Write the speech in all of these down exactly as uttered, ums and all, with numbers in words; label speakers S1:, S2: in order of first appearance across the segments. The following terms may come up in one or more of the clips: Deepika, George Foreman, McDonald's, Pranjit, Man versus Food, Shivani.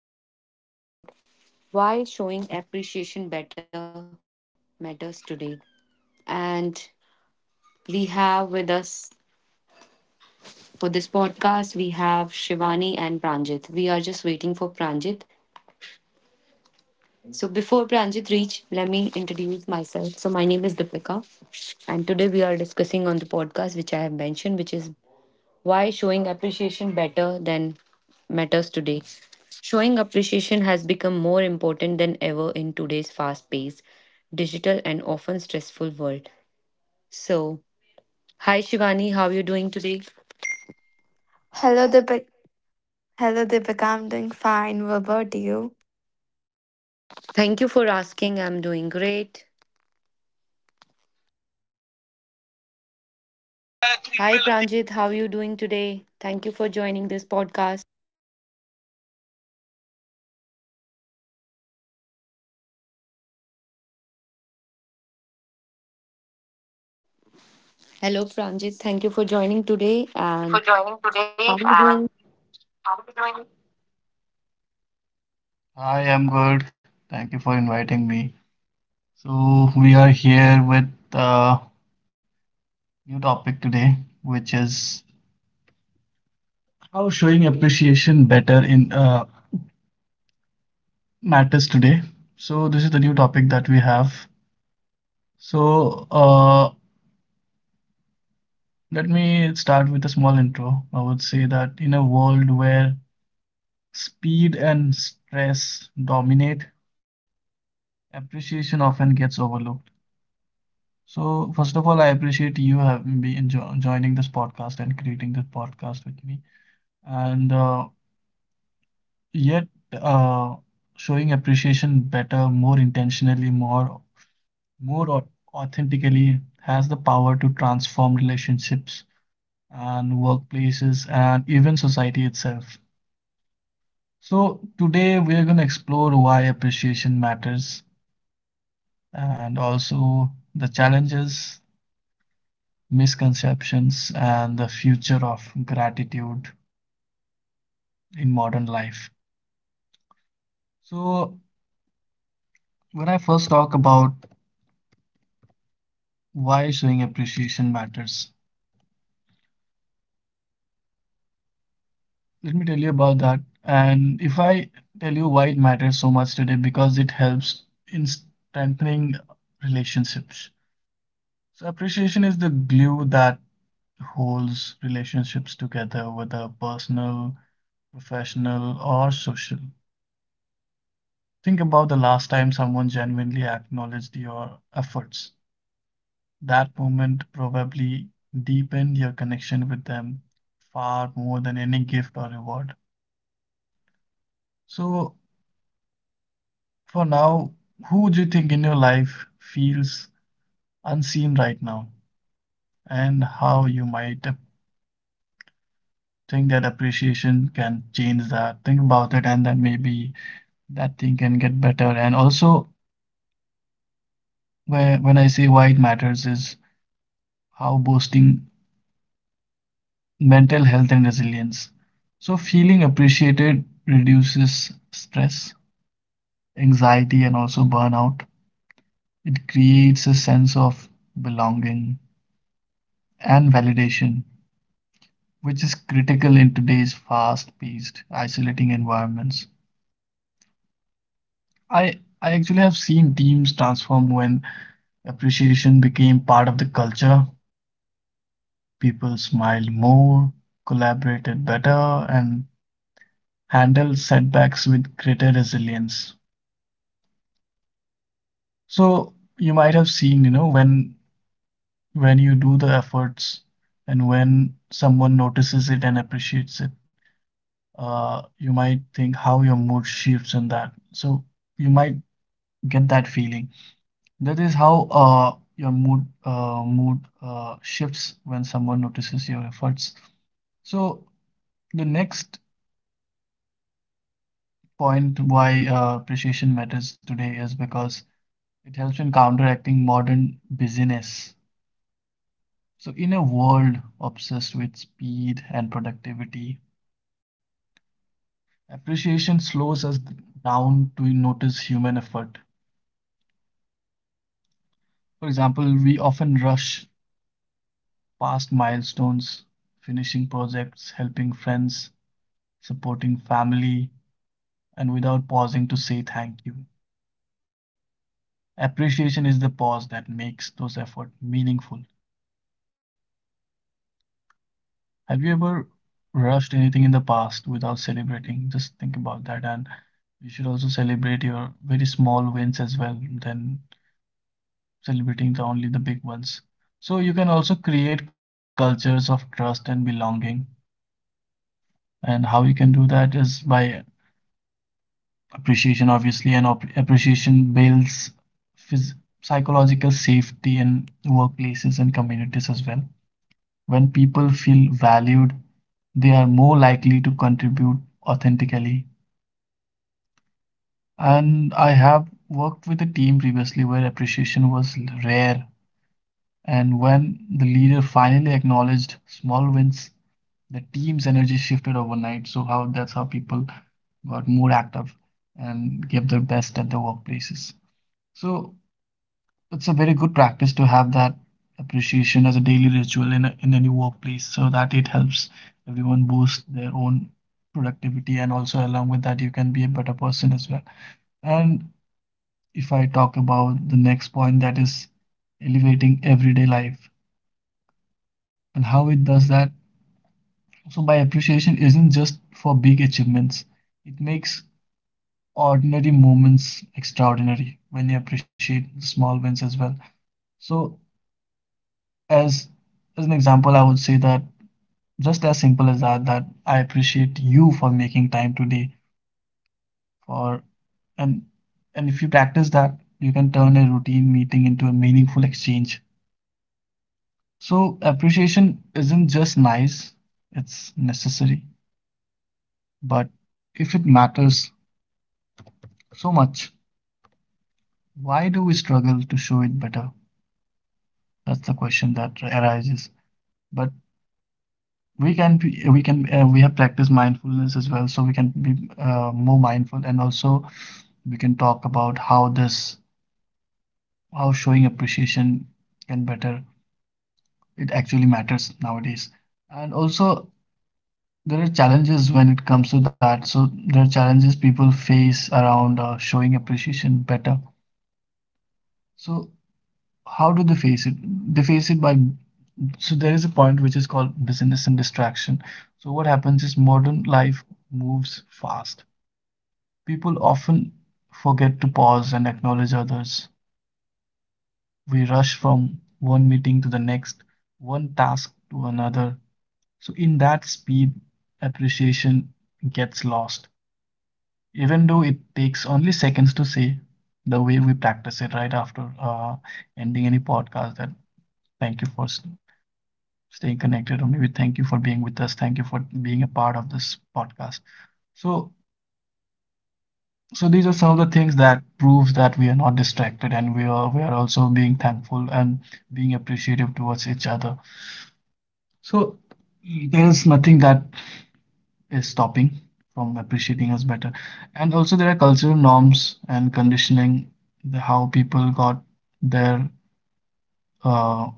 S1: podcast is all about why showing appreciation better matters today. And we have with us for this podcast, we have Shivani and Pranjit. We are just waiting for Pranjit. So before Pranjit reach, let me introduce myself. So my name is Deepika, and today we are discussing on the podcast, which I have mentioned, which is why showing appreciation better than matters today. Showing appreciation has become more important than ever in today's fast paced, digital, and often stressful world. So hi Shivani, how are you doing today?
S2: Hello, Deepika. Hello, Deepika. I'm doing fine. What about you?
S1: Thank you for asking. I'm doing great. Hi Pranjit, how are you doing today? Thank you for joining this podcast. Hello Pranjit, thank you for joining today
S3: Yes, thank
S1: and
S3: you for joining
S1: how
S3: today.
S1: are you
S3: And
S1: doing?
S3: how are you doing? Hi, I'm good. Thank you for inviting me. So, we are here with a new topic today, which is how showing appreciation better in uh, matters today. So, this is the new topic that we have. So, uh, Let me start with a small intro. I would say that in a world where speed and stress dominate, appreciation often gets overlooked. So, first of all, I appreciate you having been jo joining this podcast and creating this podcast with me, and uh, yet uh, showing appreciation better, more intentionally, more more au- authentically has the power to transform relationships and workplaces and even society itself. So, today we're going to explore why appreciation matters and also the challenges, misconceptions, and the future of gratitude in modern life. So, when I first talk about why showing appreciation matters, let me tell you about that. And if I tell you why it matters so much today, because it helps in strengthening relationships. So, appreciation is the glue that holds relationships together, whether personal, professional, or social. Think about the last time someone genuinely acknowledged your efforts. That moment probably deepened your connection with them far more than any gift or reward. So, for now, who do you think in your life feels unseen right now, and how you might think that appreciation can change that? Think about it, and then maybe that thing can get better. And also, where, when I say why it matters, is how boasting mental health and resilience. So, feeling appreciated reduces stress, anxiety, and also burnout. It creates a sense of belonging and validation, which is critical in today's fast paced, isolating environments. I, I actually have seen teams transform when appreciation became part of the culture. People smiled more, collaborated better, and handled setbacks with greater resilience. So you might have seen, you know, when when you do the efforts and when someone notices it and appreciates it, uh, you might think how your mood shifts and that. So you might get that feeling. That is how uh, your mood uh, mood uh, shifts when someone notices your efforts. So the next point why uh, appreciation matters today is because it helps in counteracting modern busyness. So, in a world obsessed with speed and productivity, appreciation slows us down to notice human effort. For example, we often rush past milestones, finishing projects, helping friends, supporting family, and without pausing to say thank you. Appreciation is the pause that makes those efforts meaningful. Have you ever rushed anything in the past without celebrating? Just think about that. And you should also celebrate your very small wins as well than celebrating the only the big ones. So you can also create cultures of trust and belonging. And how you can do that is by appreciation, obviously, and op- appreciation builds phys- psychological safety in workplaces and communities as well. When people feel valued, they are more likely to contribute authentically. And I have worked with a team previously where appreciation was rare. And when the leader finally acknowledged small wins, the team's energy shifted overnight. So how that's how people got more active and give their best at their workplaces. So it's a very good practice to have that appreciation as a daily ritual in a, in any workplace so that it helps everyone boost their own productivity, and also along with that you can be a better person as well. And if I talk about the next point, that is elevating everyday life and how it does that. So by appreciation isn't just for big achievements. It makes ordinary moments extraordinary when you appreciate the small wins as well. So as as an example, I would say that just as simple as that, that I appreciate you for making time today for and and if you practice that, you can turn a routine meeting into a meaningful exchange. So appreciation isn't just nice, it's necessary. But if it matters so much, why do we struggle to show it better? That's the question that arises. But we can be, we can uh, we have practiced mindfulness as well, so we can be uh, more mindful, and also we can talk about how this how showing appreciation can better, it actually matters nowadays. And also there are challenges when it comes to that. So there are challenges people face around uh, showing appreciation better. So how do they face it? They face it by, so there is a point which is called business and distraction. So what happens is modern life moves fast. People often forget to pause and acknowledge others. We rush from one meeting to the next, one task to another. So in that speed, appreciation gets lost. Even though it takes only seconds to say the way we practice it right after uh, ending any podcast that thank you for s- stay connected. Only we thank you for being with us. Thank you for being a part of this podcast. So, so these are some of the things that proves that we are not distracted and we are we are also being thankful and being appreciative towards each other. So there is nothing that is stopping from appreciating us better. And also there are cultural norms and conditioning, the, how people got their uh,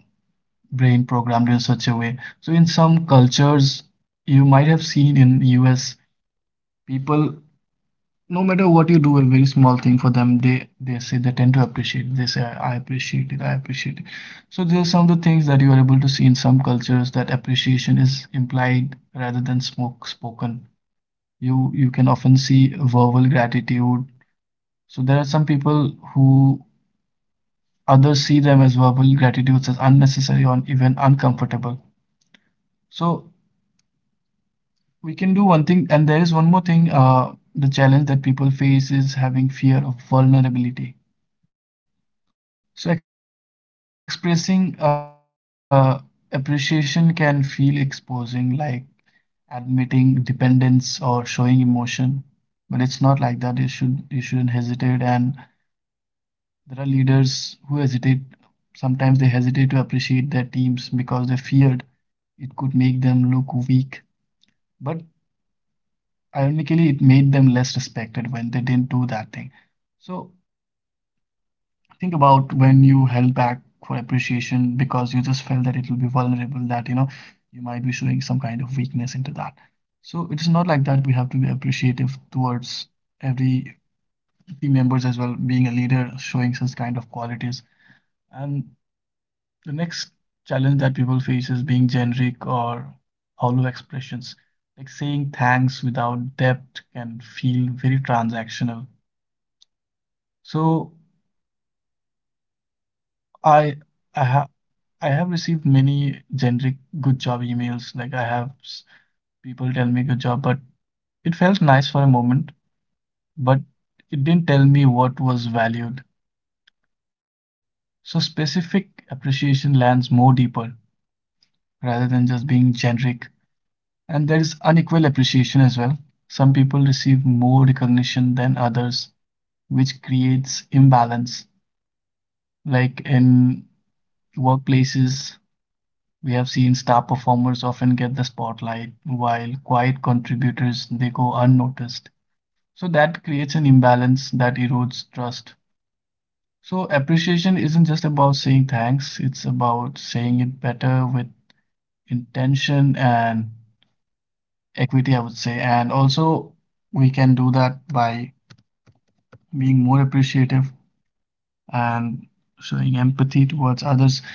S3: brain programmed in such a way. So in some cultures, you might have seen in U S people, no matter what you do, a very small thing for them, they they say they tend to appreciate it. They say, I appreciate it, I appreciate it. So there are some of the things that you are able to see in some cultures that appreciation is implied rather than smoke spoken. You you can often see verbal gratitude. So there are some people who others see them as verbal gratitudes as unnecessary or even uncomfortable. So we can do one thing, and there is one more thing. Uh, the challenge that people face is having fear of vulnerability. So expressing uh, appreciation can feel exposing, like admitting dependence or showing emotion, but it's not like that. You should you shouldn't hesitate. And there are leaders who hesitate. Sometimes they hesitate to appreciate their teams because they feared it could make them look weak. But ironically, it made them less respected when they didn't do that thing. So think about when you held back for appreciation because you just felt that it will be vulnerable, that you know you might be showing some kind of weakness into that. So it is not like that. We have to be appreciative towards every team members as well, being a leader, showing such kind of qualities. And the next challenge that people face is being generic or hollow expressions. Like saying thanks without depth can feel very transactional. So I I, ha I have received many generic good job emails. Like I have s- people tell me good job, but it felt nice for a moment, but it didn't tell me what was valued. So specific appreciation lands more deeper rather than just being generic. And there is unequal appreciation as well. Some people receive more recognition than others, which creates imbalance. Like in workplaces, we have seen star performers often get the spotlight, while quiet contributors they go unnoticed. So that creates an imbalance that erodes trust. So appreciation isn't just about saying thanks, it's about saying it better with intention and equity, I would say. And also we can do that by being more appreciative and showing empathy towards others.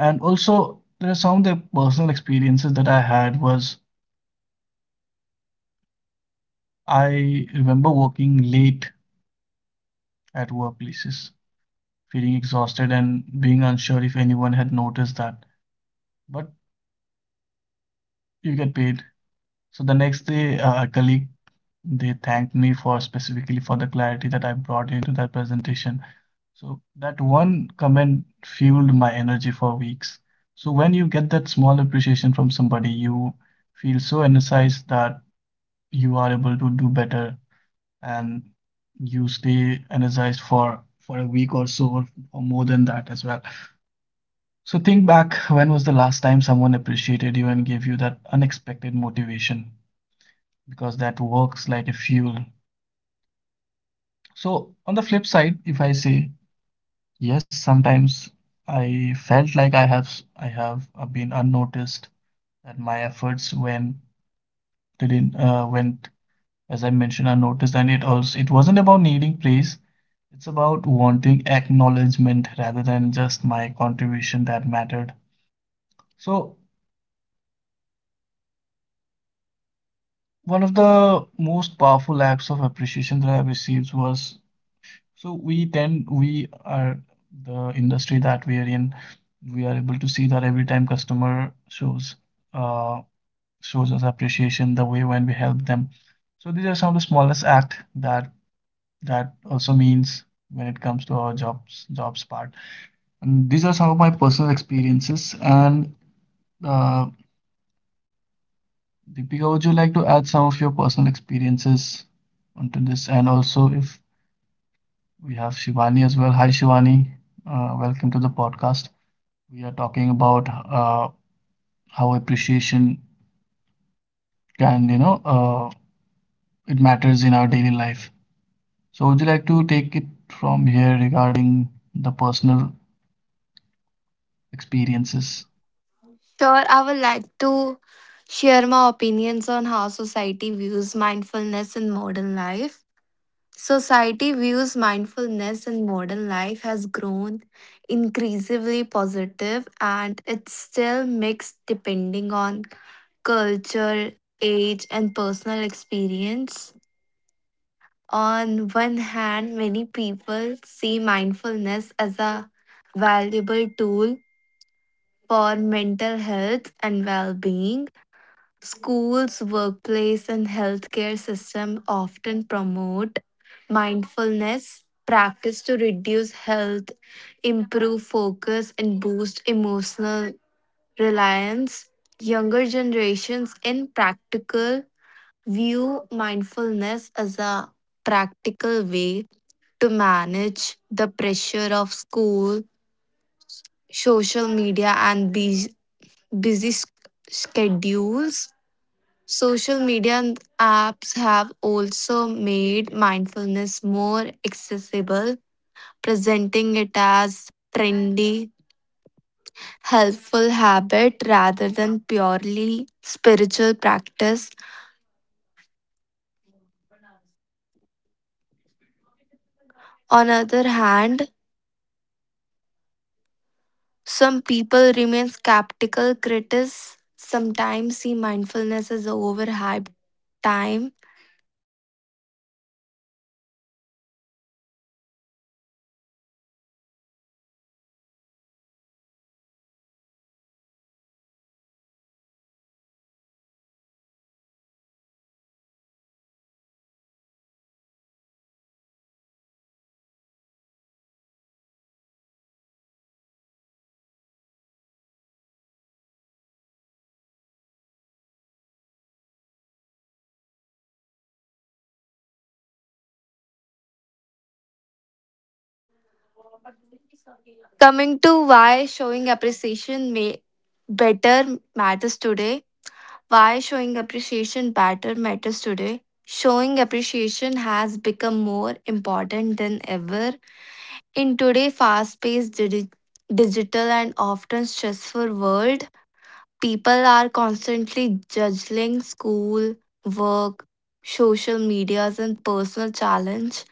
S3: And also, there are some of the personal experiences that I had was I remember working late at workplaces, feeling exhausted and being unsure if anyone had noticed that. But you get paid. So the next day, uh, a colleague they thanked me for specifically for the clarity that I brought into that presentation. So that one comment fueled my energy for weeks. So when you get that small appreciation from somebody, you feel so energized that you are able to do better, and you stay energized for for a week or so, or, or more than that as well. So think back, when was the last time someone appreciated you and gave you that unexpected motivation, because that works like a fuel. So on the flip side, if I say yes, sometimes I felt like I have I have uh, been unnoticed, that my efforts went didn't uh, went as I mentioned, I noticed, and it also it wasn't about needing praise. It's about wanting acknowledgement rather than just my contribution that mattered. So one of the most powerful acts of appreciation that I received was, so we tend we are the industry that we are in. We are able to see that every time customer shows uh, shows us appreciation the way when we help them. So these are some of the smallest acts that that also means when it comes to our jobs jobs part, and these are some of my personal experiences. And uh, Deepika, would you like to add some of your personal experiences onto this? And also, if we have Shivani as well, hi Shivani, uh, welcome to the podcast. We are talking about uh, how appreciation can, you know uh, it matters in our daily life. So would you like to take it from here regarding the personal experiences?
S2: Sure, I would like to share my opinions on how society views mindfulness in modern life. Society views mindfulness in modern life has grown increasingly positive and it's still mixed depending on culture, age, and personal experience. On one hand, many people see mindfulness as a valuable tool for mental health and well-being. Schools, workplace, and healthcare system often promote mindfulness practice to reduce health, improve focus, and boost emotional reliance. Younger generations in practical view mindfulness as a practical way to manage the pressure of school, social media, and bus- busy s- schedules. Social media and apps have also made mindfulness more accessible, presenting it as trendy, helpful habit rather than purely spiritual practice. On other hand, some people remain skeptical critics sometimes see mindfulness as overhyped time. Coming to why showing appreciation may better matters today. Why showing appreciation better matters today. Showing appreciation has become more important than ever in today's fast-paced, digi- digital and often stressful world. People are constantly juggling school, work, social medias and personal challenge,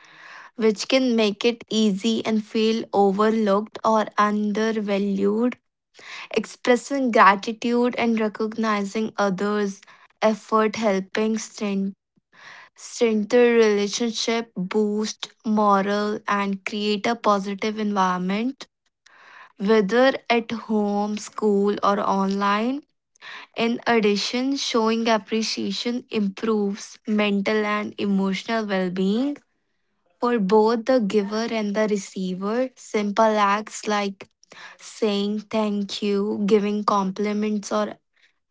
S2: which can make it easy and feel overlooked or undervalued. Expressing gratitude and recognizing others' effort helping strength, strengthen relationship, boost morale, and create a positive environment, whether at home, school, or online. In addition, showing appreciation improves mental and emotional well being for both the giver and the receiver. Simple acts like saying thank you, giving compliments, or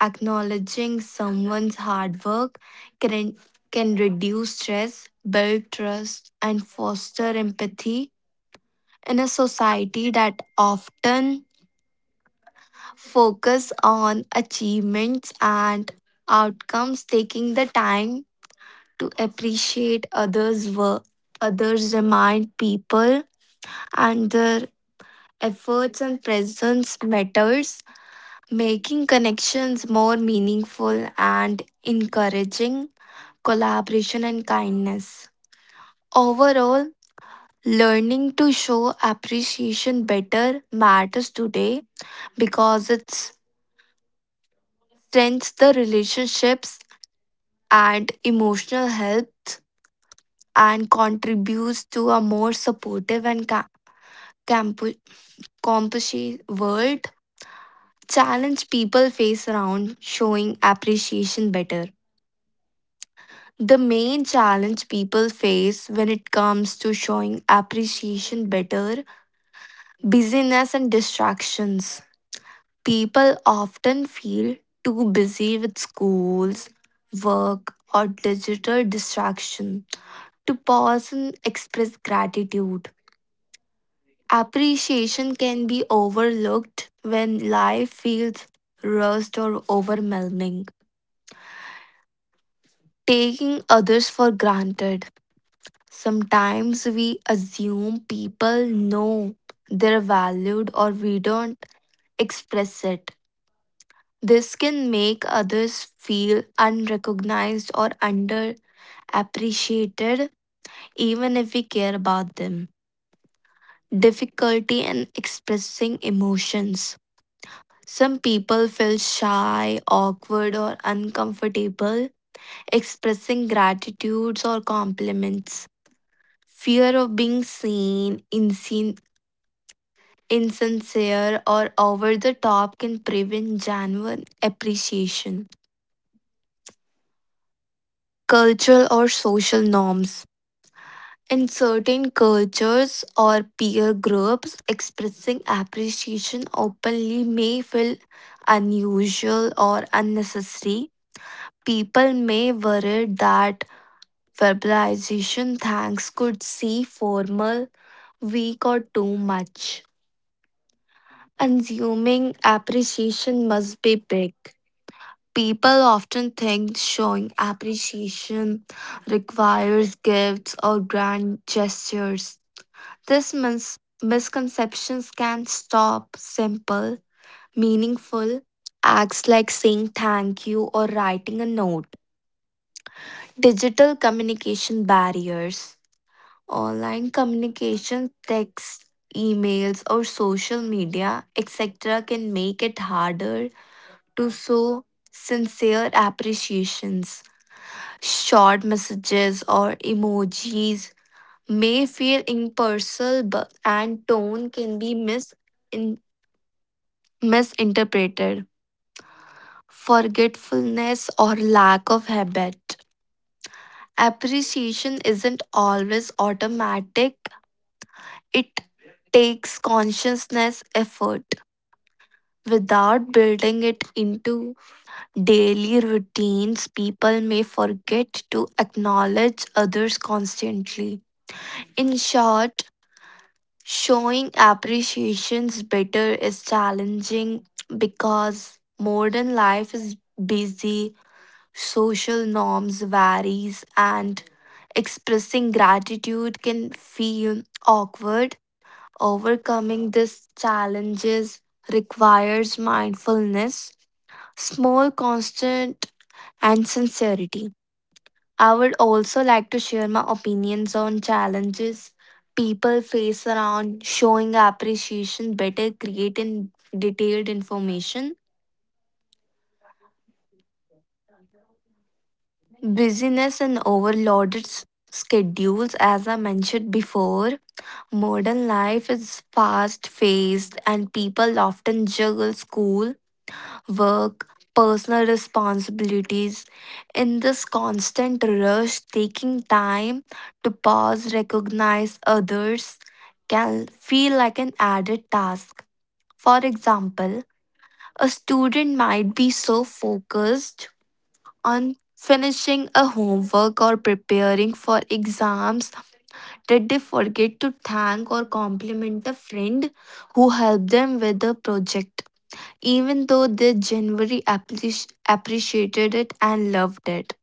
S2: acknowledging someone's hard work can, can reduce stress, build trust, and foster empathy in a society that often focus on achievements and outcomes, taking the time to appreciate others work others remind people and their efforts and presence matters, making connections more meaningful and encouraging collaboration, and kindness. Overall, learning to show appreciation better matters today because it strengthens the relationships and emotional health and contributes to a more supportive and ca- campu- compassionate world. Challenge people face around showing appreciation better. The main challenge people face when it comes to showing appreciation better: busyness and distractions. People often feel too busy with schools, work, or digital distraction to pause and express gratitude. Appreciation can be overlooked when life feels rushed or overwhelming. Taking others for granted. Sometimes we assume people know they're valued or we don't express it. This can make others feel unrecognized or underappreciated, even if we care about them. Difficulty in expressing emotions. Some people feel shy, awkward, or uncomfortable expressing gratitudes or compliments. Fear of being seen, insin- insincere, or over the top can prevent genuine appreciation. Cultural or social norms. In certain cultures or peer groups, expressing appreciation openly may feel unusual or unnecessary. People may worry that verbalization thanks could seem formal, weak, or too much. Assuming appreciation must be big. People often think showing appreciation requires gifts or grand gestures. These mis- misconceptions can stop simple, meaningful acts like saying thank you or writing a note. Digital communication barriers. Online communication, text, emails, or social media, et cetera, can make it harder to show sincere appreciations. Short messages or emojis may feel impersonal, but and tone can be misinterpreted misinterpreted. Forgetfulness or lack of habit. Appreciation isn't always automatic, it takes consciousness effort. Without building it into daily routines, people may forget to acknowledge others constantly. In short, showing appreciations better is challenging because modern life is busy, social norms varies, and expressing gratitude can feel awkward. Overcoming these challenges requires mindfulness, small constant and sincerity. I would also like to share my opinions on challenges people face around showing appreciation better create in detailed information. Busyness and overloaded s- schedules, as I mentioned before. Modern life is fast paced, and people often juggle school, work, personal responsibilities. In this constant rush, taking time to pause, recognize others, can feel like an added task. For example, a student might be so focused on finishing a homework or preparing for exams. Did they forget to thank or compliment a friend who helped them with a project, even though they genuinely appreci- appreciated it and loved it?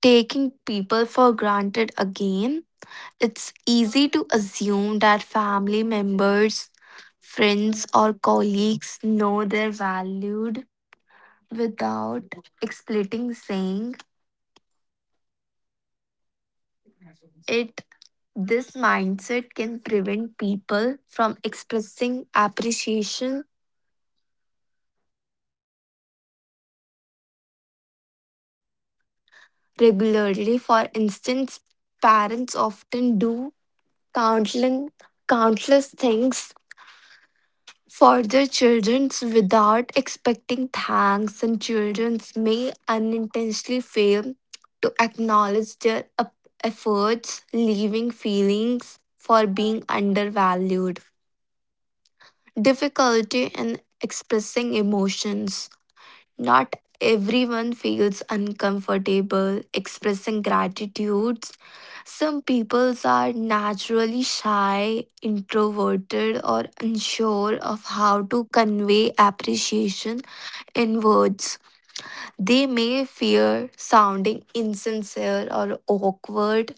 S2: Taking people for granted again, it's easy to assume that family members, friends, or colleagues know they're valued without explicitly saying it. This mindset can prevent people from expressing appreciation regularly. For instance, parents often do countless, countless things for their children without expecting thanks, and children may unintentionally fail to acknowledge their ep- efforts, leaving feelings for being undervalued. Difficulty in expressing emotions. Not everyone feels uncomfortable expressing gratitudes. Some people are naturally shy, introverted, or unsure of how to convey appreciation in words. They may fear sounding insincere or awkward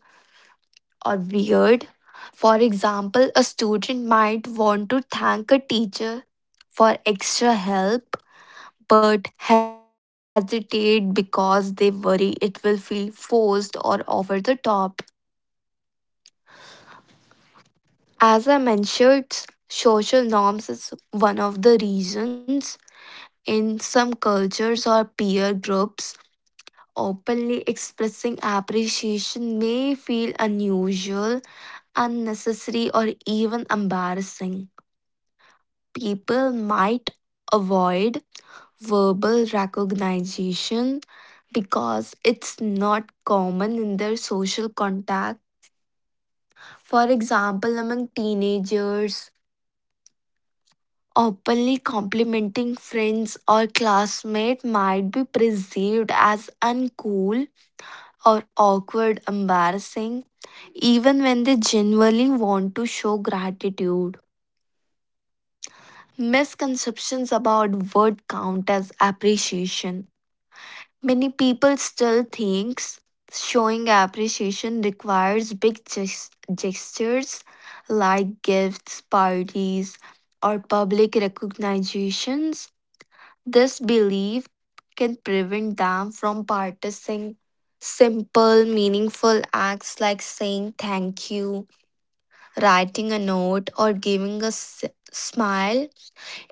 S2: or weird. For example, a student might want to thank a teacher for extra help but hesitate because they worry it will feel forced or over the top. As I mentioned, social norms is one of the reasons. In some cultures or peer groups openly expressing appreciation may feel unusual, unnecessary or even embarrassing. People might avoid verbal recognition because it's not common in their social contact. For example, among teenagers, openly complimenting friends or classmates might be perceived as uncool or awkward, embarrassing, even when they genuinely want to show gratitude. Misconceptions about word count as appreciation. Many people still thinks showing appreciation requires big ges- gestures like gifts, parties, or public recognitions. This belief can prevent them from practicing simple, meaningful acts like saying thank you, writing a note, or giving a s- smile.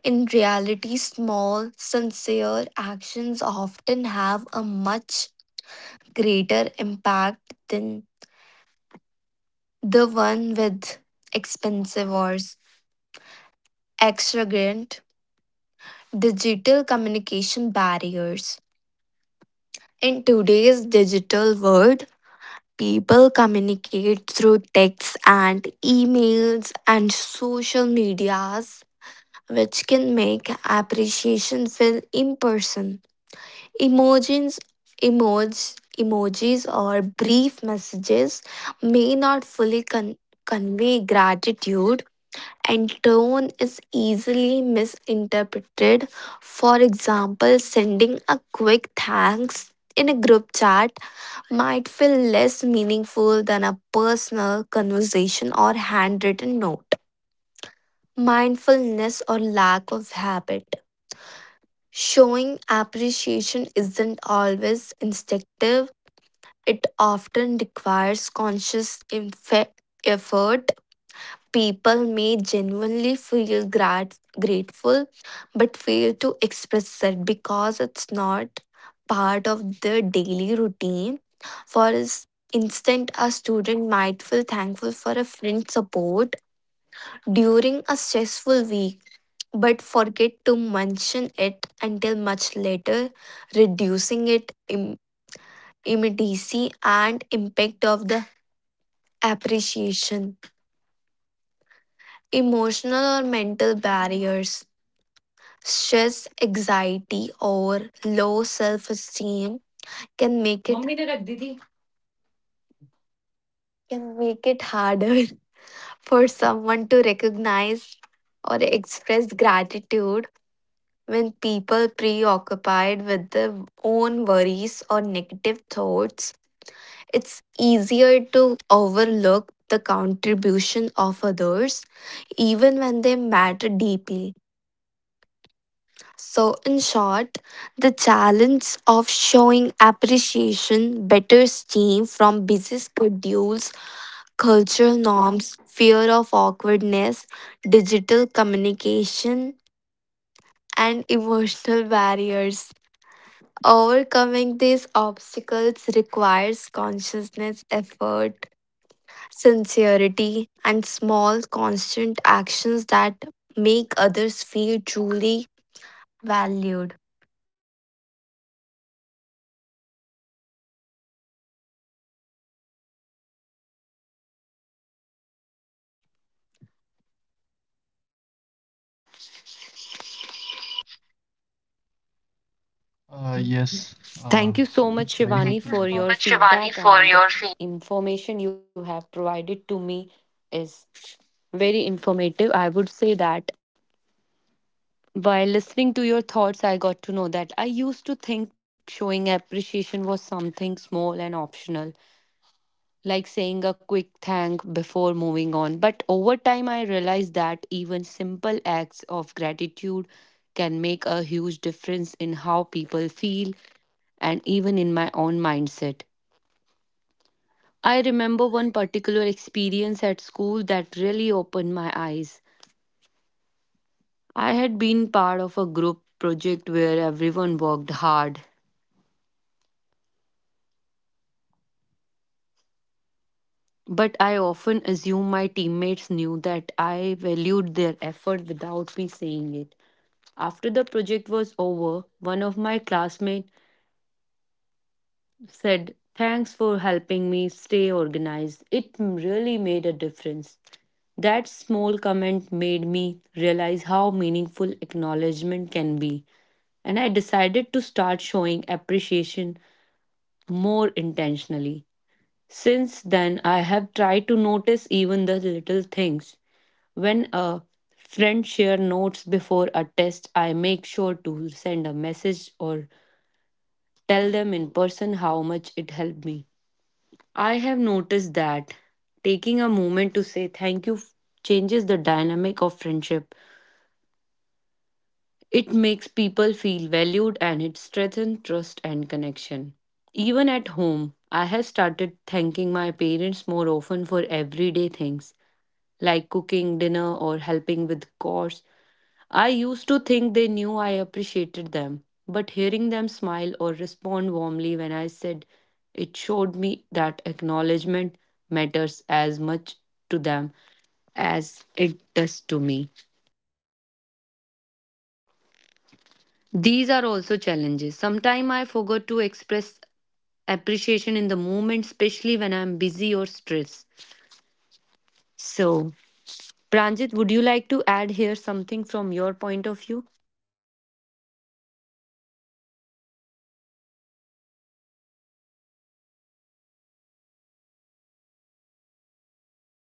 S2: In reality, small, sincere actions often have a much greater impact than the one with expensive or extravagant digital communication barriers. In today's digital world, people communicate through texts and emails and social medias, which can make appreciation feel impersonal. Emojis, emojis, Emojis or brief messages may not fully con- convey gratitude and tone is easily misinterpreted. For example, sending a quick thanks in a group chat might feel less meaningful than a personal conversation or handwritten note. Mindfulness or lack of habit. Showing appreciation isn't always instinctive, it often requires conscious infe- effort. People may genuinely feel grat- grateful but fail to express it because it's not part of their daily routine. For ins- instance, a student might feel thankful for a friend's support during a stressful week but forget to mention it until much later, reducing it Im- immediacy and impact of the appreciation. Emotional or mental barriers. Stress, anxiety, or low self esteem can make it mummy ने रख दी थी। Can make it harder for someone to recognize or express gratitude when people preoccupied with their own worries or negative thoughts. It's easier to overlook the contribution of others even when they matter deeply. So, in short, the challenge of showing appreciation better team from busy schedules, cultural norms, fear of awkwardness, digital communication, and emotional barriers. Overcoming these obstacles requires consciousness, effort, sincerity, and small, constant actions that make others feel truly valued.
S3: Uh,
S1: Mm.
S3: yes, uh,
S1: Thank you
S3: so
S1: so
S3: it's
S1: much,
S3: very...
S1: Shivani,
S3: Thank you
S1: for
S3: so
S1: your
S3: much, Shivani,
S1: feedback
S3: for
S1: and
S3: your
S1: the
S3: feedback.
S1: information you have provided to me is very informative. I would say that while listening to your thoughts, I got to know that I used to think showing appreciation was something small and optional, like saying a quick thank before moving on. But over time, I realized that even simple acts of gratitude can make a huge difference in how people feel and even in my own mindset. I remember one particular experience at school that really opened my eyes. I had been part of a group project where everyone worked hard, but I often assumed my teammates knew that I valued their effort without me saying it. After the project was over, one of my classmates said, "Thanks for helping me stay organized. It really made a difference." That small comment made me realize how meaningful acknowledgement can be, and I decided to start showing appreciation more intentionally. Since then, I have tried to notice even the little things. When a friend shares notes before a test, I make sure to send a message or tell them in person how much it helped me. I have noticed that taking a moment to say thank you f- changes the dynamic of friendship. It makes people feel valued and it strengthens trust and connection. Even at home, I have started thanking my parents more often for everyday things like cooking dinner or helping with chores. I used to think they knew I appreciated them, but hearing them smile or respond warmly when I said it showed me that acknowledgement matters as much to them as it does to me. These are also challenges. Sometimes I forgot to express appreciation in the moment, especially when I'm busy or stressed. So, Pranjit, would you like to add here something from your point of view?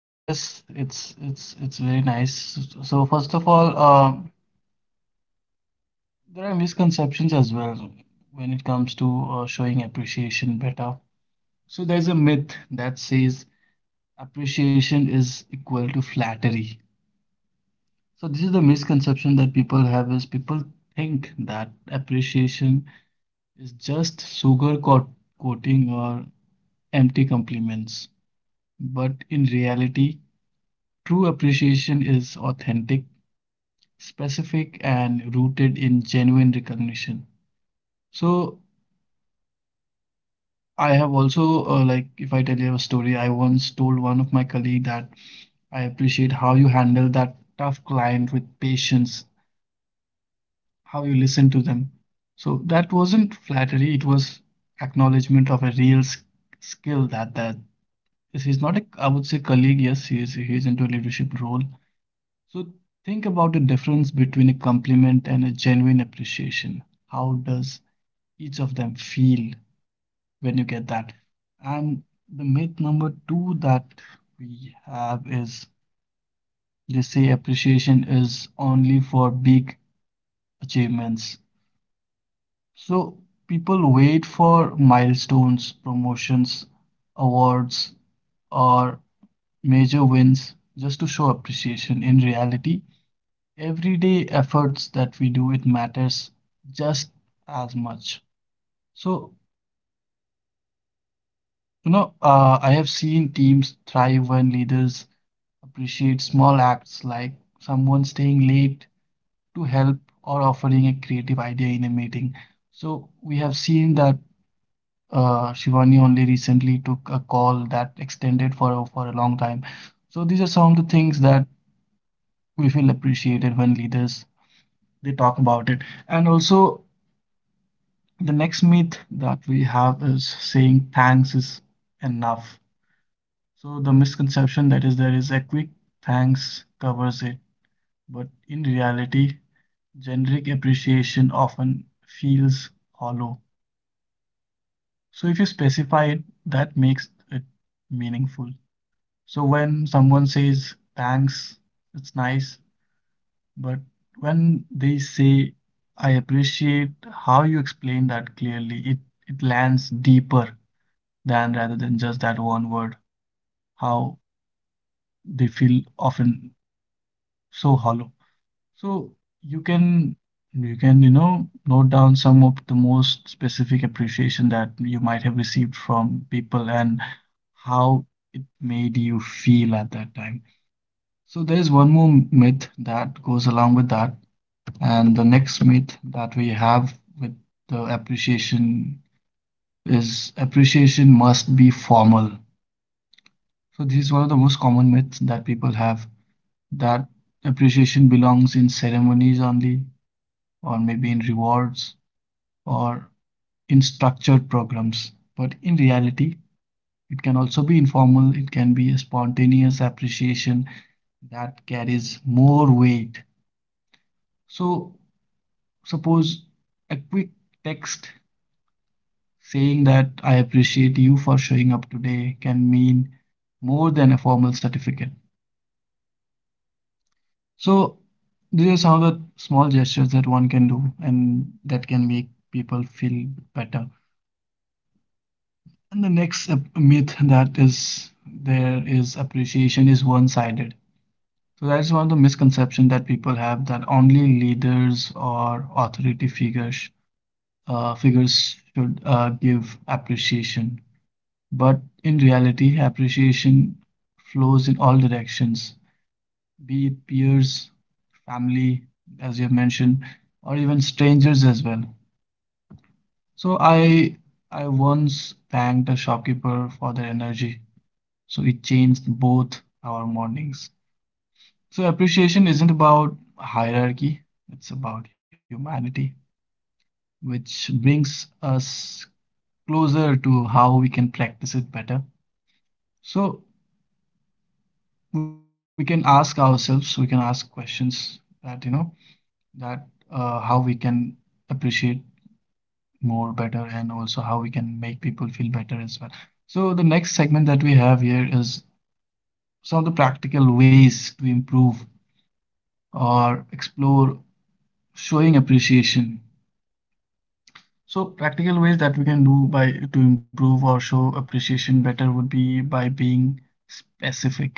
S3: Yes, it's it's it's very nice. So first of all, um, there are misconceptions as well when it comes to uh, showing appreciation better. So there's a myth that says appreciation is equal to flattery. So this is the misconception that people have, is people think that appreciation is just sugar coat coating or empty compliments. But in reality, true appreciation is authentic, specific, and rooted in genuine recognition. So I have also, uh, like, if I tell you a story, I once told one of my colleague that I appreciate how you handle that tough client with patience, how you listen to them. So that wasn't flattery, it was acknowledgement of a real s- skill. That that this is not a, I would say, colleague, yes, he is he's into a leadership role. So think about the difference between a compliment and a genuine appreciation. How does each of them feel when you get that? And the myth number two that we have is, they say appreciation is only for big achievements. So people wait for milestones, promotions, awards, or major wins just to show appreciation. In reality, everyday efforts that we do, it matters just as much. So you know uh, I have seen teams thrive when leaders appreciate small acts, like someone staying late to help, or offering a creative idea in a meeting. So we have seen that uh, Shivani only recently took a call that extended for a, for a long time. So these are some of the things that we feel appreciated when leaders, they talk about it. And also, the next myth that we have is, saying thanks is enough. So the misconception that is there is, a quick thanks covers it. But in reality, generic appreciation often feels hollow. So if you specify it, that makes it meaningful. So when someone says thanks, it's nice, but when they say, I appreciate how you explain that clearly, it it lands deeper than rather than just that one word. How they feel often so hollow. So you can, you can you know note down some of the most specific appreciation that you might have received from people, and how it made you feel at that time. So there is one more myth that goes along with that, and the next myth that we have with the appreciation is, appreciation must be formal. So this is one of the most common myths that people have, that appreciation belongs in ceremonies only, or maybe in rewards, or in structured programs. But in reality, it can also be informal, it can be a spontaneous appreciation that carries more weight. So suppose a quick text saying that, I appreciate you for showing up today, can mean more than a formal certificate. So these are some of the small gestures that one can do, and that can make people feel better. And the next myth that is there is, appreciation is one-sided. So that's one of the misconception that people have, that only leaders or authority figures uh, figures should uh, give appreciation. But in reality, appreciation flows in all directions, be it peers, family, as you have mentioned, or even strangers as well. So I I once thanked a shopkeeper for their energy. So it changed both our mornings. So appreciation isn't about hierarchy, it's about humanity, which brings us closer to how we can practice it better. So we can ask ourselves, we can ask questions that, you know, that uh, how we can appreciate more better, and also how we can make people feel better as well. So the next segment that we have here is some of the practical ways to improve or explore showing appreciation. So practical ways that we can do by to improve or show appreciation better would be by being specific.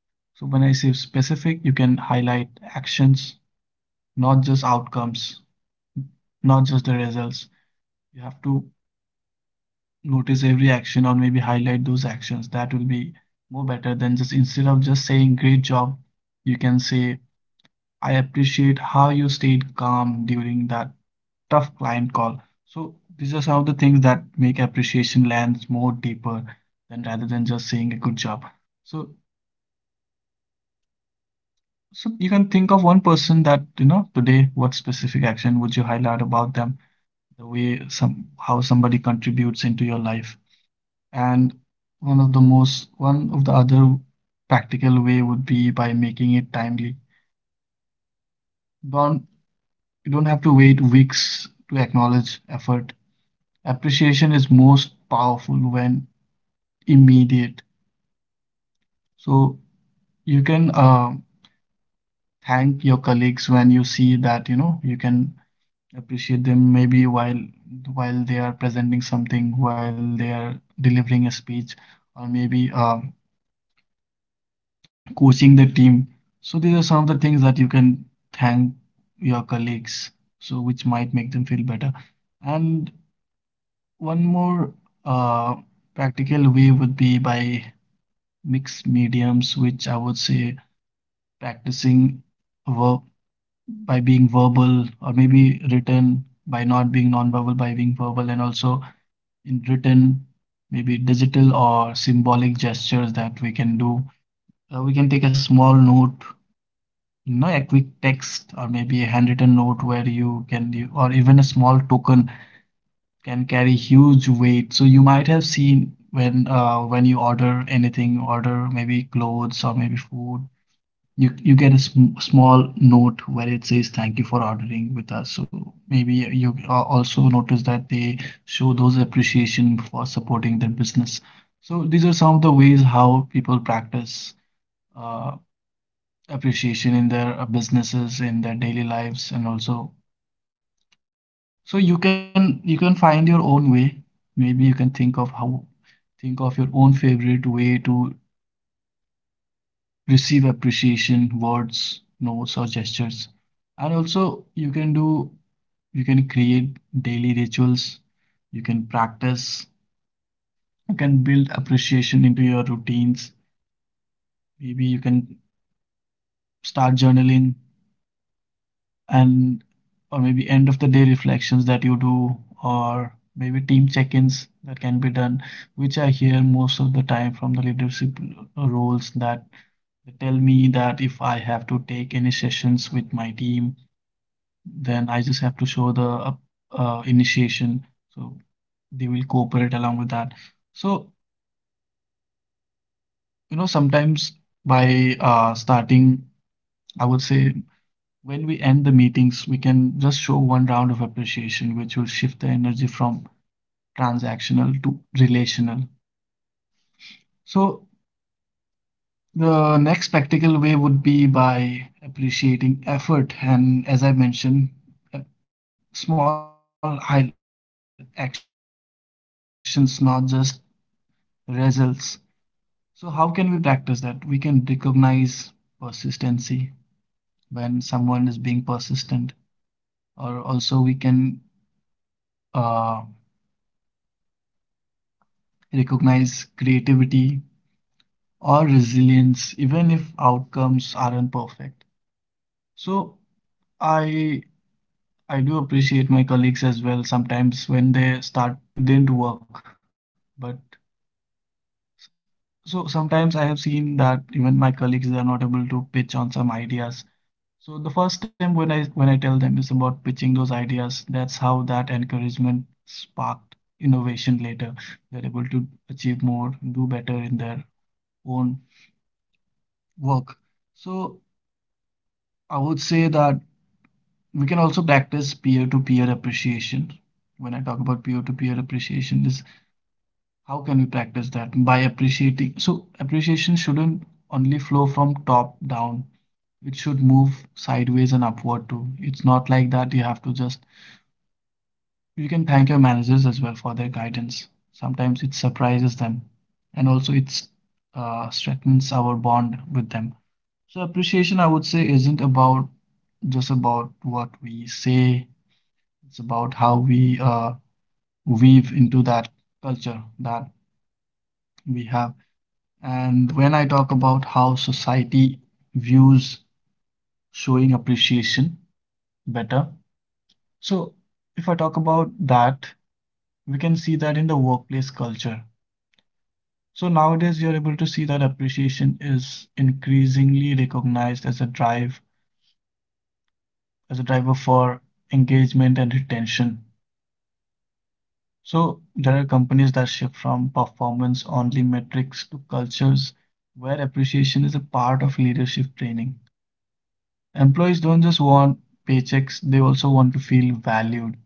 S3: So when I say specific, you can highlight actions, not just outcomes, not just the results. You have to notice every action, or maybe highlight those actions that will be more better than just, instead of just saying great job, you can say, I appreciate how you stayed calm during that tough client call. So these are some of the things that make appreciation lands more deeper than rather than just saying a good job. So, so you can think of one person that you know today, what specific action would you highlight about them, the way some, how somebody contributes into your life. And one of the most, one of the other practical way would be by making it timely. Don't You don't have to wait weeks to acknowledge effort. Appreciation is most powerful when immediate. So you can uh, thank your colleagues when you see that, you know, you can appreciate them maybe while while they are presenting something, while they are delivering a speech, or maybe uh, coaching the team. So these are some of the things that you can thank your colleagues, so which might make them feel better. And one more uh, practical way would be by mixed mediums, which I would say practicing verb by being verbal or maybe written, by not being non-verbal, by being verbal and also in written, maybe digital or symbolic gestures that we can do. Uh, we can take a small note, no, a quick text or maybe a handwritten note where you can, you, or even a small token can carry huge weight. So you might have seen when, uh, when you order anything, order maybe clothes or maybe food, you you get a sm small note where it says thank you for ordering with us. So maybe you uh, also notice that they show those appreciation for supporting their business. So these are some of the ways how people practice uh, appreciation in their uh, businesses, in their daily lives. And also, so you can you can find your own way. Maybe you can think of how, think of your own favorite way to receive appreciation, words, notes, or gestures. And also you can do, you can create daily rituals, you can practice, you can build appreciation into your routines. Maybe you can start journaling, and, or maybe end of the day reflections that you do, or maybe team check-ins that can be done, which I hear most of the time from the leadership uh, roles, that they tell me that if I have to take any sessions with my team, then I just have to show the uh, uh, initiation, so they will cooperate along with that. So, you know, sometimes by uh, starting, I would say, when we end the meetings, we can just show one round of appreciation, which will shift the energy from transactional to relational. So, the next practical way would be by appreciating effort. And as I mentioned, uh, small actions, not just results. So how can we practice that? We can recognize persistency when someone is being persistent, or also we can uh, recognize creativity or resilience even if outcomes aren't perfect. So i i do appreciate my colleagues as well sometimes when they start experimenting with a new idea, you know, even though it didn't work. But, so sometimes I have seen that even my colleagues, they are not able to pitch on some ideas. So the first time when I, when i tell them is about pitching those ideas, that's how that encouragement sparked innovation later. They're able to achieve more, do better in their own work. So I would say that we can also practice peer-to-peer appreciation. When I talk about peer-to-peer appreciation, is how can we practice that by appreciating? So appreciation shouldn't only flow from top down. It should move sideways and upward too. It's not like that you have to just, you can thank your managers as well for their guidance. Sometimes it surprises them, and also it uh, strengthens our bond with them. So appreciation, I would say, isn't about just about what we say. It's about how we uh, weave into that culture that we have. And when I talk about how society views showing appreciation better, so if I talk about that, we can see that in the workplace culture. So nowadays, you're able to see that appreciation is increasingly recognized as a drive, as a driver for engagement and retention. So there are companies that shift from performance only metrics to cultures where appreciation is a part of leadership training. Employees don't just want paychecks, they also want to feel valued.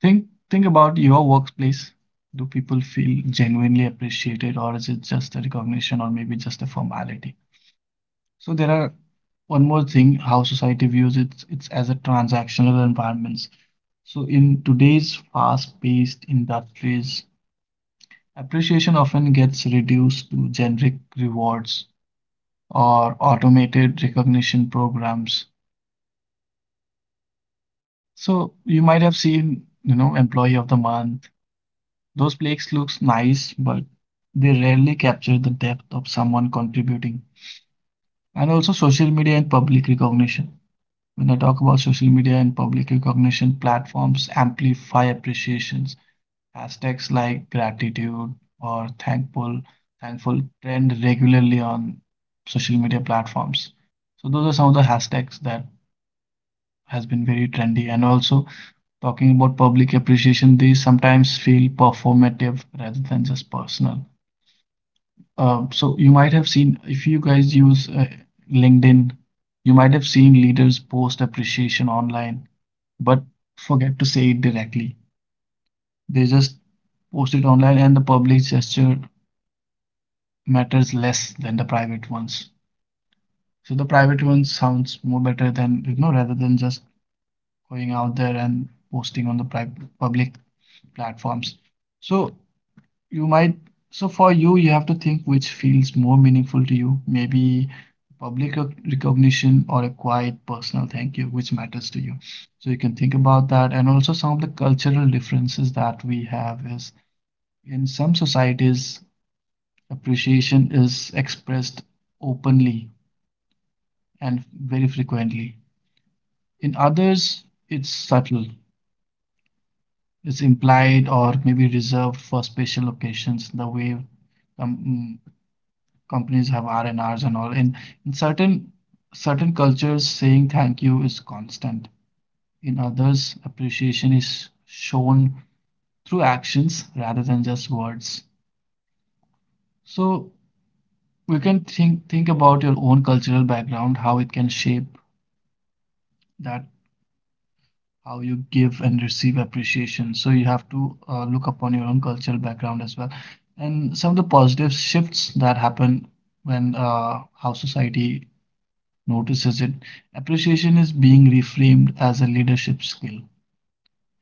S3: Think think about your workplace. Do people feel genuinely appreciated, or is it just a recognition or maybe just a formality? So there are one more thing how society views it, it's as a transactional environments. So in today's fast paced industries, appreciation often gets reduced to generic rewards or automated recognition programs. So you might have seen, you know, employee of the month. Those plaques looks nice, but they rarely capture the depth of someone contributing. And also social media and public recognition. When I talk about social media and public recognition, platforms amplify appreciations. Hashtags like gratitude or thankful, thankful trend regularly on social media platforms. So those are some of the hashtags that has been very trendy. And also talking about public appreciation, these sometimes feel performative rather than just personal. Um, so you might have seen if you guys use uh, LinkedIn, you might have seen leaders post appreciation online, but forget to say it directly. They just post it online, and the public gesture matters less than the private ones. So the private ones sounds more better than you know rather than just going out there and posting on the private public platforms. So you might, so for you you have to think which feels more meaningful to you. Maybe public recognition or a quiet personal thank you, which matters to you. So you can think about that, and also some of the cultural differences that we have is in some societies appreciation is expressed openly and very frequently. In others, it's subtle, it's implied or maybe reserved for special occasions, the way com- mm, companies have R&Rs and Rs and all. In, in certain certain cultures, saying thank you is constant. In others, appreciation is shown through actions rather than just words. So we can think think about your own cultural background, how it can shape that, how you give and receive appreciation. So you have to uh, look upon your own cultural background as well. And some of the positive shifts that happen when uh, how society notices it. Appreciation is being reframed as a leadership skill.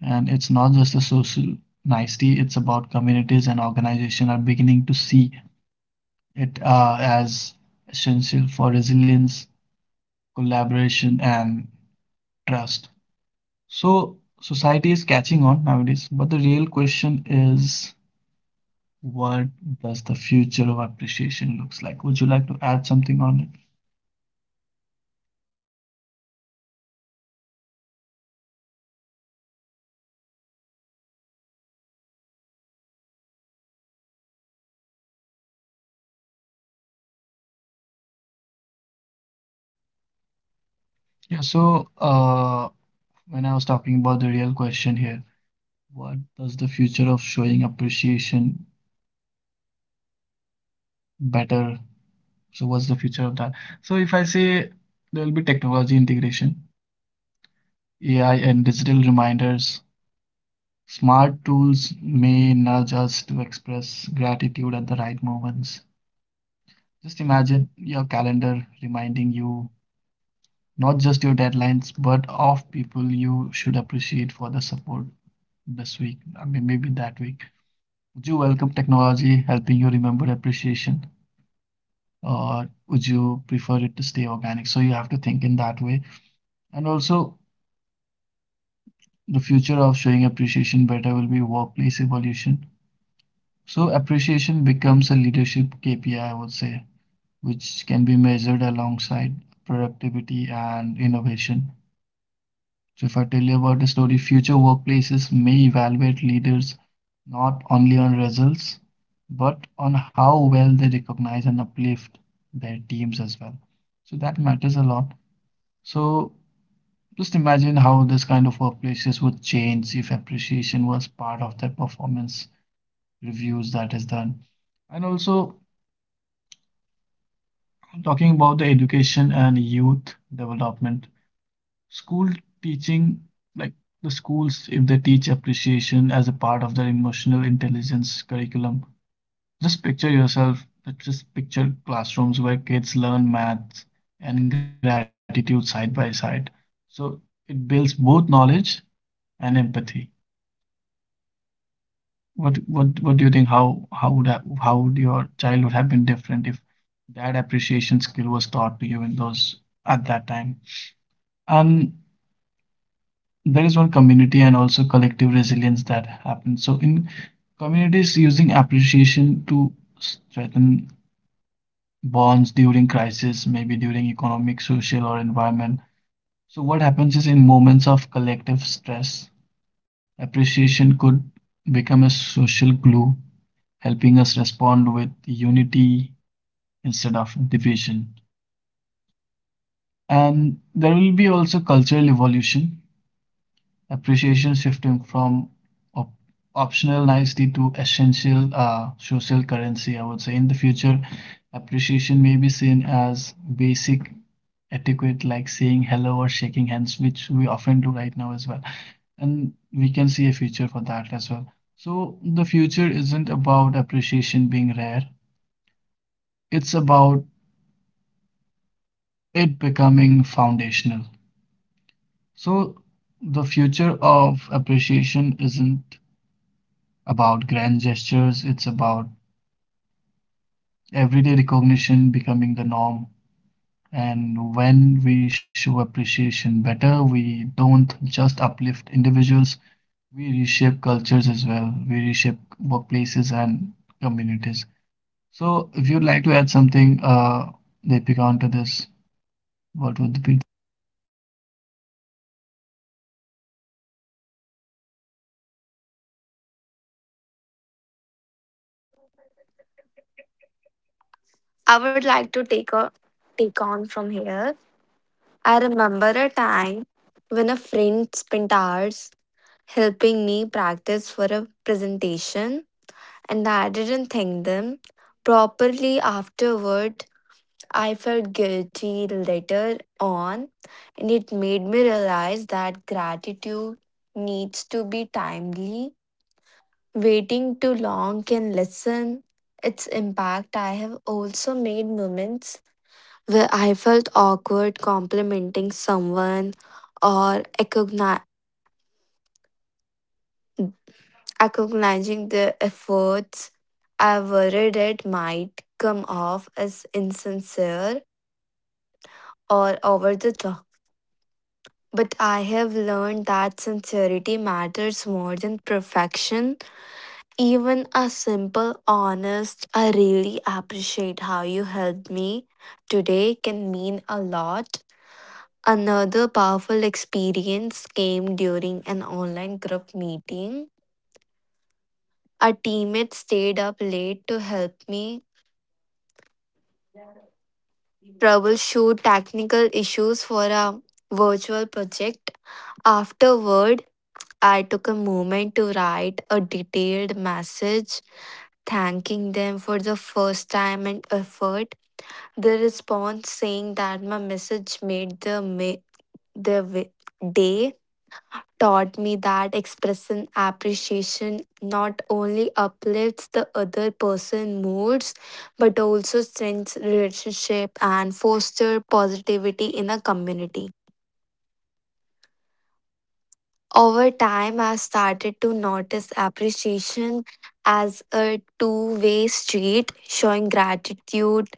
S3: And it's not just a social nicety, it's about communities and organizations are beginning to see it uh, as essential for resilience, collaboration, and trust. So society is catching on nowadays, but the real question is, what does the future of appreciation looks like? Would you like to add something on it? Yeah, so uh, when I was talking about the real question here, what does the future of showing appreciation better? So what's the future of that? So if I say there will be technology integration, A I and digital reminders. Smart tools may nudge us to express gratitude at the right moments. Just imagine your calendar reminding you not just your deadlines, but of people you should appreciate for the support this week. I mean, maybe that week. Would you welcome technology helping you remember appreciation, or would you prefer it to stay organic? So you have to think in that way. And also, the future of showing appreciation better will be workplace evolution. So appreciation becomes a leadership K P I, I I would say, which can be measured alongside productivity and innovation. So, if I tell you about the story, future workplaces may evaluate leaders not only on results but on how well they recognize and uplift their teams as well. So, that matters a lot. So, just imagine how this kind of workplaces would change if appreciation was part of their performance reviews that is done. And also, talking about the education and youth development, school teaching, like, the schools, if they teach appreciation as a part of their emotional intelligence curriculum, just picture yourself, like, just picture classrooms where kids learn math and gratitude side by side. So it builds both knowledge and empathy. What what what do you think? How how would ha- how would your child would have been different if that appreciation skill was taught to you in those, at that time? And there is one community and also collective resilience that happens. So, in communities, using appreciation to strengthen bonds during crisis, maybe during economic, social, or environment. So, what happens is in moments of collective stress, appreciation could become a social glue, helping us respond with unity instead of division. And there will be also cultural evolution. Appreciation shifting from op- optional nicety to essential uh, social currency, I would say. In the future, appreciation may be seen as basic etiquette like saying hello or shaking hands, which we often do right now as well. And we can see a future for that as well. So the future isn't about appreciation being rare, it's about it becoming foundational. So the future of appreciation isn't about grand gestures, it's about everyday recognition becoming the norm. And when we show appreciation better, we don't just uplift individuals, we reshape cultures as well. We reshape workplaces and communities. So, if you'd like to add something, uh, Deepika, onto this, what would be?
S2: I would like to take a take on from here. I remember a time when a friend spent hours helping me practice for a presentation and I didn't thank them properly afterward. I felt guilty later on and it made me realize that gratitude needs to be timely. Waiting too long can lessen its impact. I have also made moments where I felt awkward complimenting someone or acogni- acknowledging their efforts. I worried it might come off as insincere or over the top. But I have learned that sincerity matters more than perfection. Even a simple, honest, "I really appreciate how you helped me today," can mean a lot. Another powerful experience came during an online group meeting. A teammate stayed up late to help me troubleshoot technical issues for a virtual project. Afterward, I took a moment to write a detailed message thanking them for the first time and effort. The response saying that my message made the ma- their wi- day taught me that expressing appreciation not only uplifts the other person moods but also strengthens relationship and foster positivity in a community. Over time I started to notice appreciation as a two-way street. Showing gratitude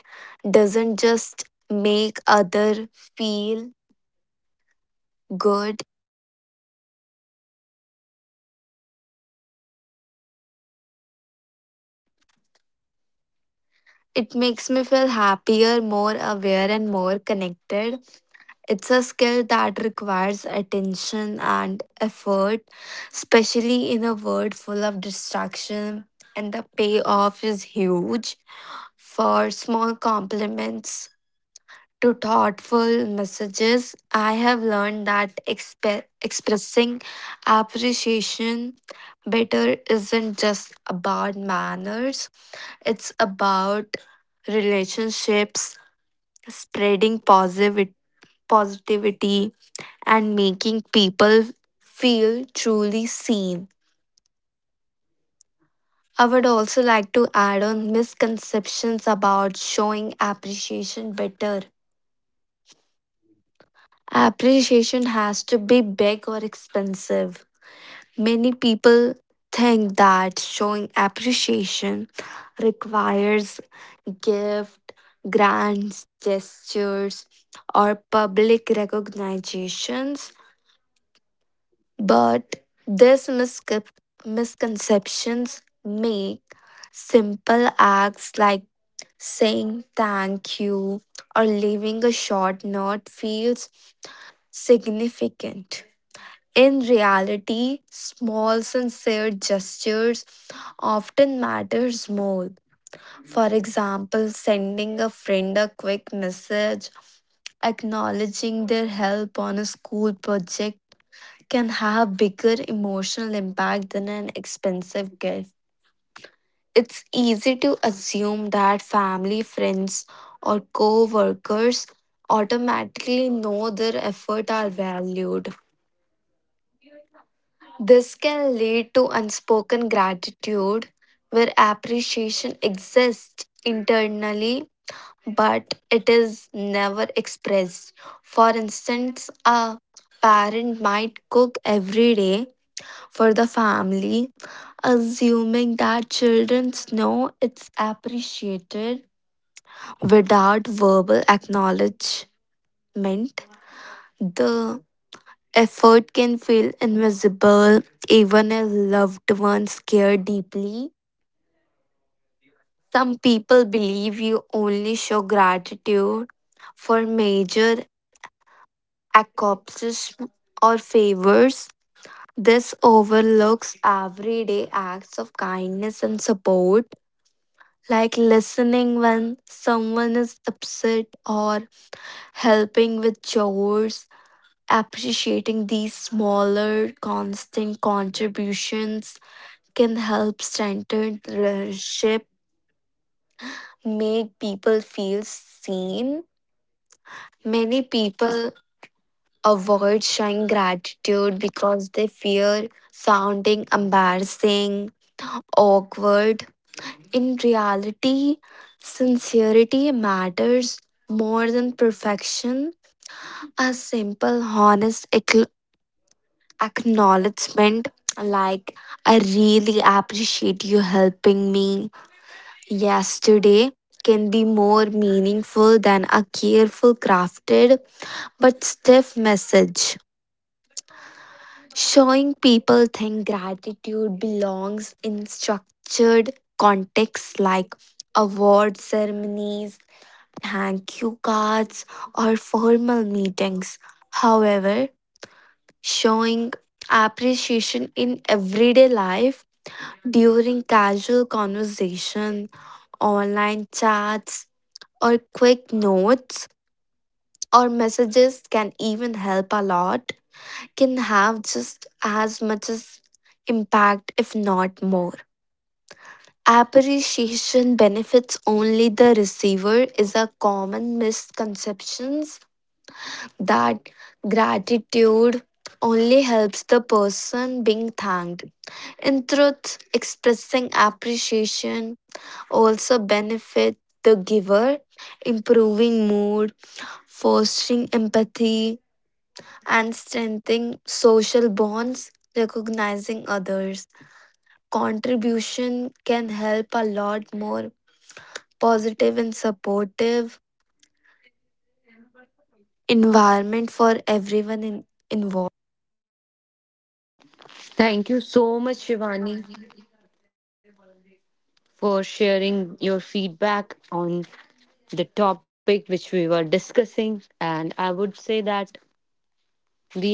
S2: doesn't just make other feel good, it makes me feel happier, more aware and more connected. It's a skill that requires attention and effort, especially in a world full of distraction, and the payoff is huge. For small compliments to thoughtful messages, I have learned that expe- expressing appreciation better isn't just about manners, it's about relationships, spreading positive positivity and making people feel truly seen. I would also like to add on misconceptions about showing appreciation better. Appreciation has to be big or expensive. Many people think that showing appreciation requires gift, grants, gestures, or public recognitions. But these miscep- misconceptions make simple acts like saying thank you or leaving a short note feels significant. In reality, small sincere gestures often matters more. For example, sending a friend a quick message, acknowledging their help on a school project can have bigger emotional impact than an expensive gift. It's easy to assume that family, friends, or co workers automatically know their effort are valued. This can lead to unspoken gratitude where appreciation exists internally but it is never expressed. For instance, a parent might cook every day for the family assuming that children know it's appreciated without verbal acknowledgement. The effort can feel invisible even if loved ones care deeply. Some people believe you only show gratitude for major accomplishments or favors. This overlooks everyday acts of kindness and support, like listening when someone is upset or helping with chores. Appreciating these smaller, constant contributions can help strengthen the relationship, make people feel seen. Many people avoid showing gratitude because they fear sounding embarrassing, awkward. In reality, sincerity matters more than perfection. A simple, honest ac- acknowledgement like, "I really appreciate you helping me yesterday," can be more meaningful than a careful, crafted, but stiff message. Showing people think gratitude belongs in structured contexts like award ceremonies, thank you cards, or formal meetings. However, showing appreciation in everyday life during casual conversation, online chats, or quick notes or messages can even help a lot, can have just as much as impact, if not more. Appreciation benefits only the receiver is a common misconception that gratitude only helps the person being thanked. In truth, expressing appreciation also benefits the giver, improving mood, fostering empathy, and strengthening social bonds. Recognizing others' contribution can help a lot more positive and supportive environment for everyone in, involved.
S1: Thank you so much, Shivani, for sharing your feedback on the topic which we were discussing. And I would say that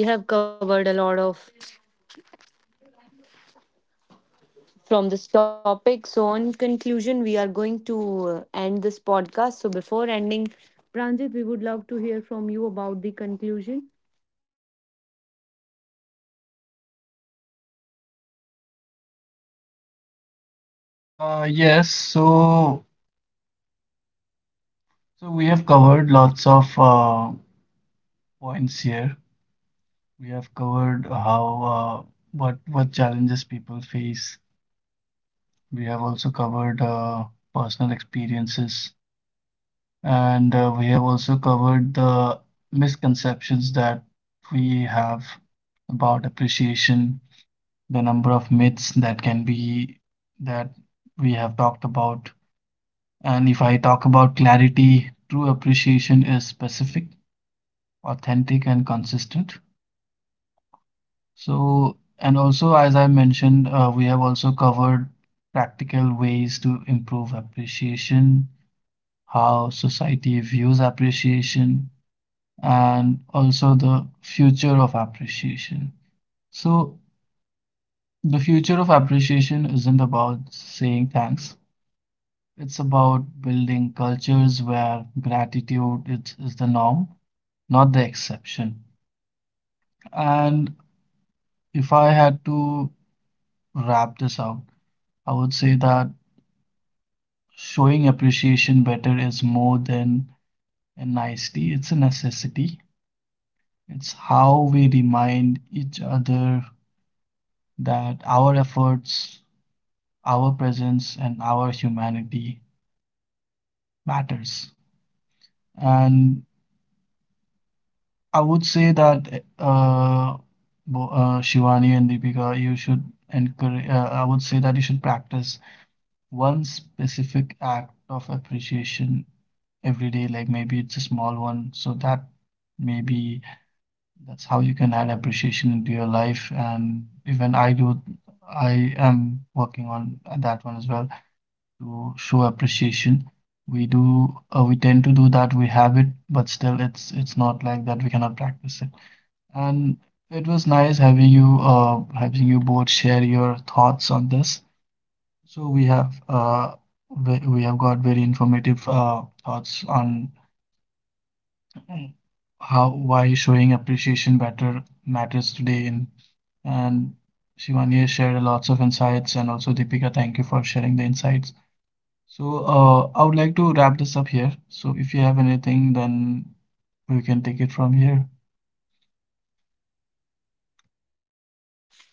S1: we have covered a lot of from this topic. So in conclusion, we are going to uh, end this podcast. So before ending, Pranjit, we would love to hear from you about the conclusion.
S3: Uh, yes, so so we have covered lots of uh, points here. We have covered how, uh, what what challenges people face. We have also covered uh, personal experiences, and uh, we have also covered the misconceptions that we have about appreciation, the number of myths that can be that we have talked about. And if I talk about clarity, true appreciation is specific, authentic, and consistent. So, and also, as I mentioned, uh, we have also covered practical ways to improve appreciation, how society views appreciation, and also the future of appreciation. So, the future of appreciation isn't about saying thanks, it's about building cultures where gratitude is, is the norm, not the exception. And if I had to wrap this out, I would say that showing appreciation better is more than a nicety, it's a necessity. It's how we remind each other that our efforts, our presence, and our humanity matters. And I would say that uh, bo- uh, Shivani and Deepika, you should encourage, uh, I would say that you should practice one specific act of appreciation every day, like maybe it's a small one so that maybe that's how you can add appreciation into your life. And even I do, I am working on that one as well to show appreciation. We do, uh, we tend to do that. We have it, but still, it's it's not like that. We cannot practice it. And it was nice having you, uh, having you both share your thoughts on this. So we have, uh, we, we have got very informative, uh, thoughts on. Mm. How why showing appreciation better matters today in, and Shivani has shared lots of insights, and also Deepika, thank you for sharing the insights. So uh, I would like to wrap this up here, so if you have anything then we can take it from here.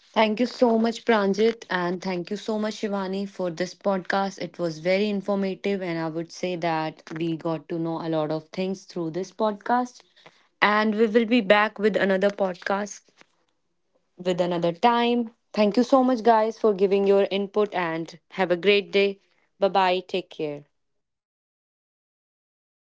S1: Thank you so much, Pranjit, and thank you so much, Shivani, for this podcast. It was very informative, and I would say that we got to know a lot of things through this podcast. And we will be back with another podcast with another time. Thank you so much, guys, for giving your input, and have a great day. Bye bye. Take care.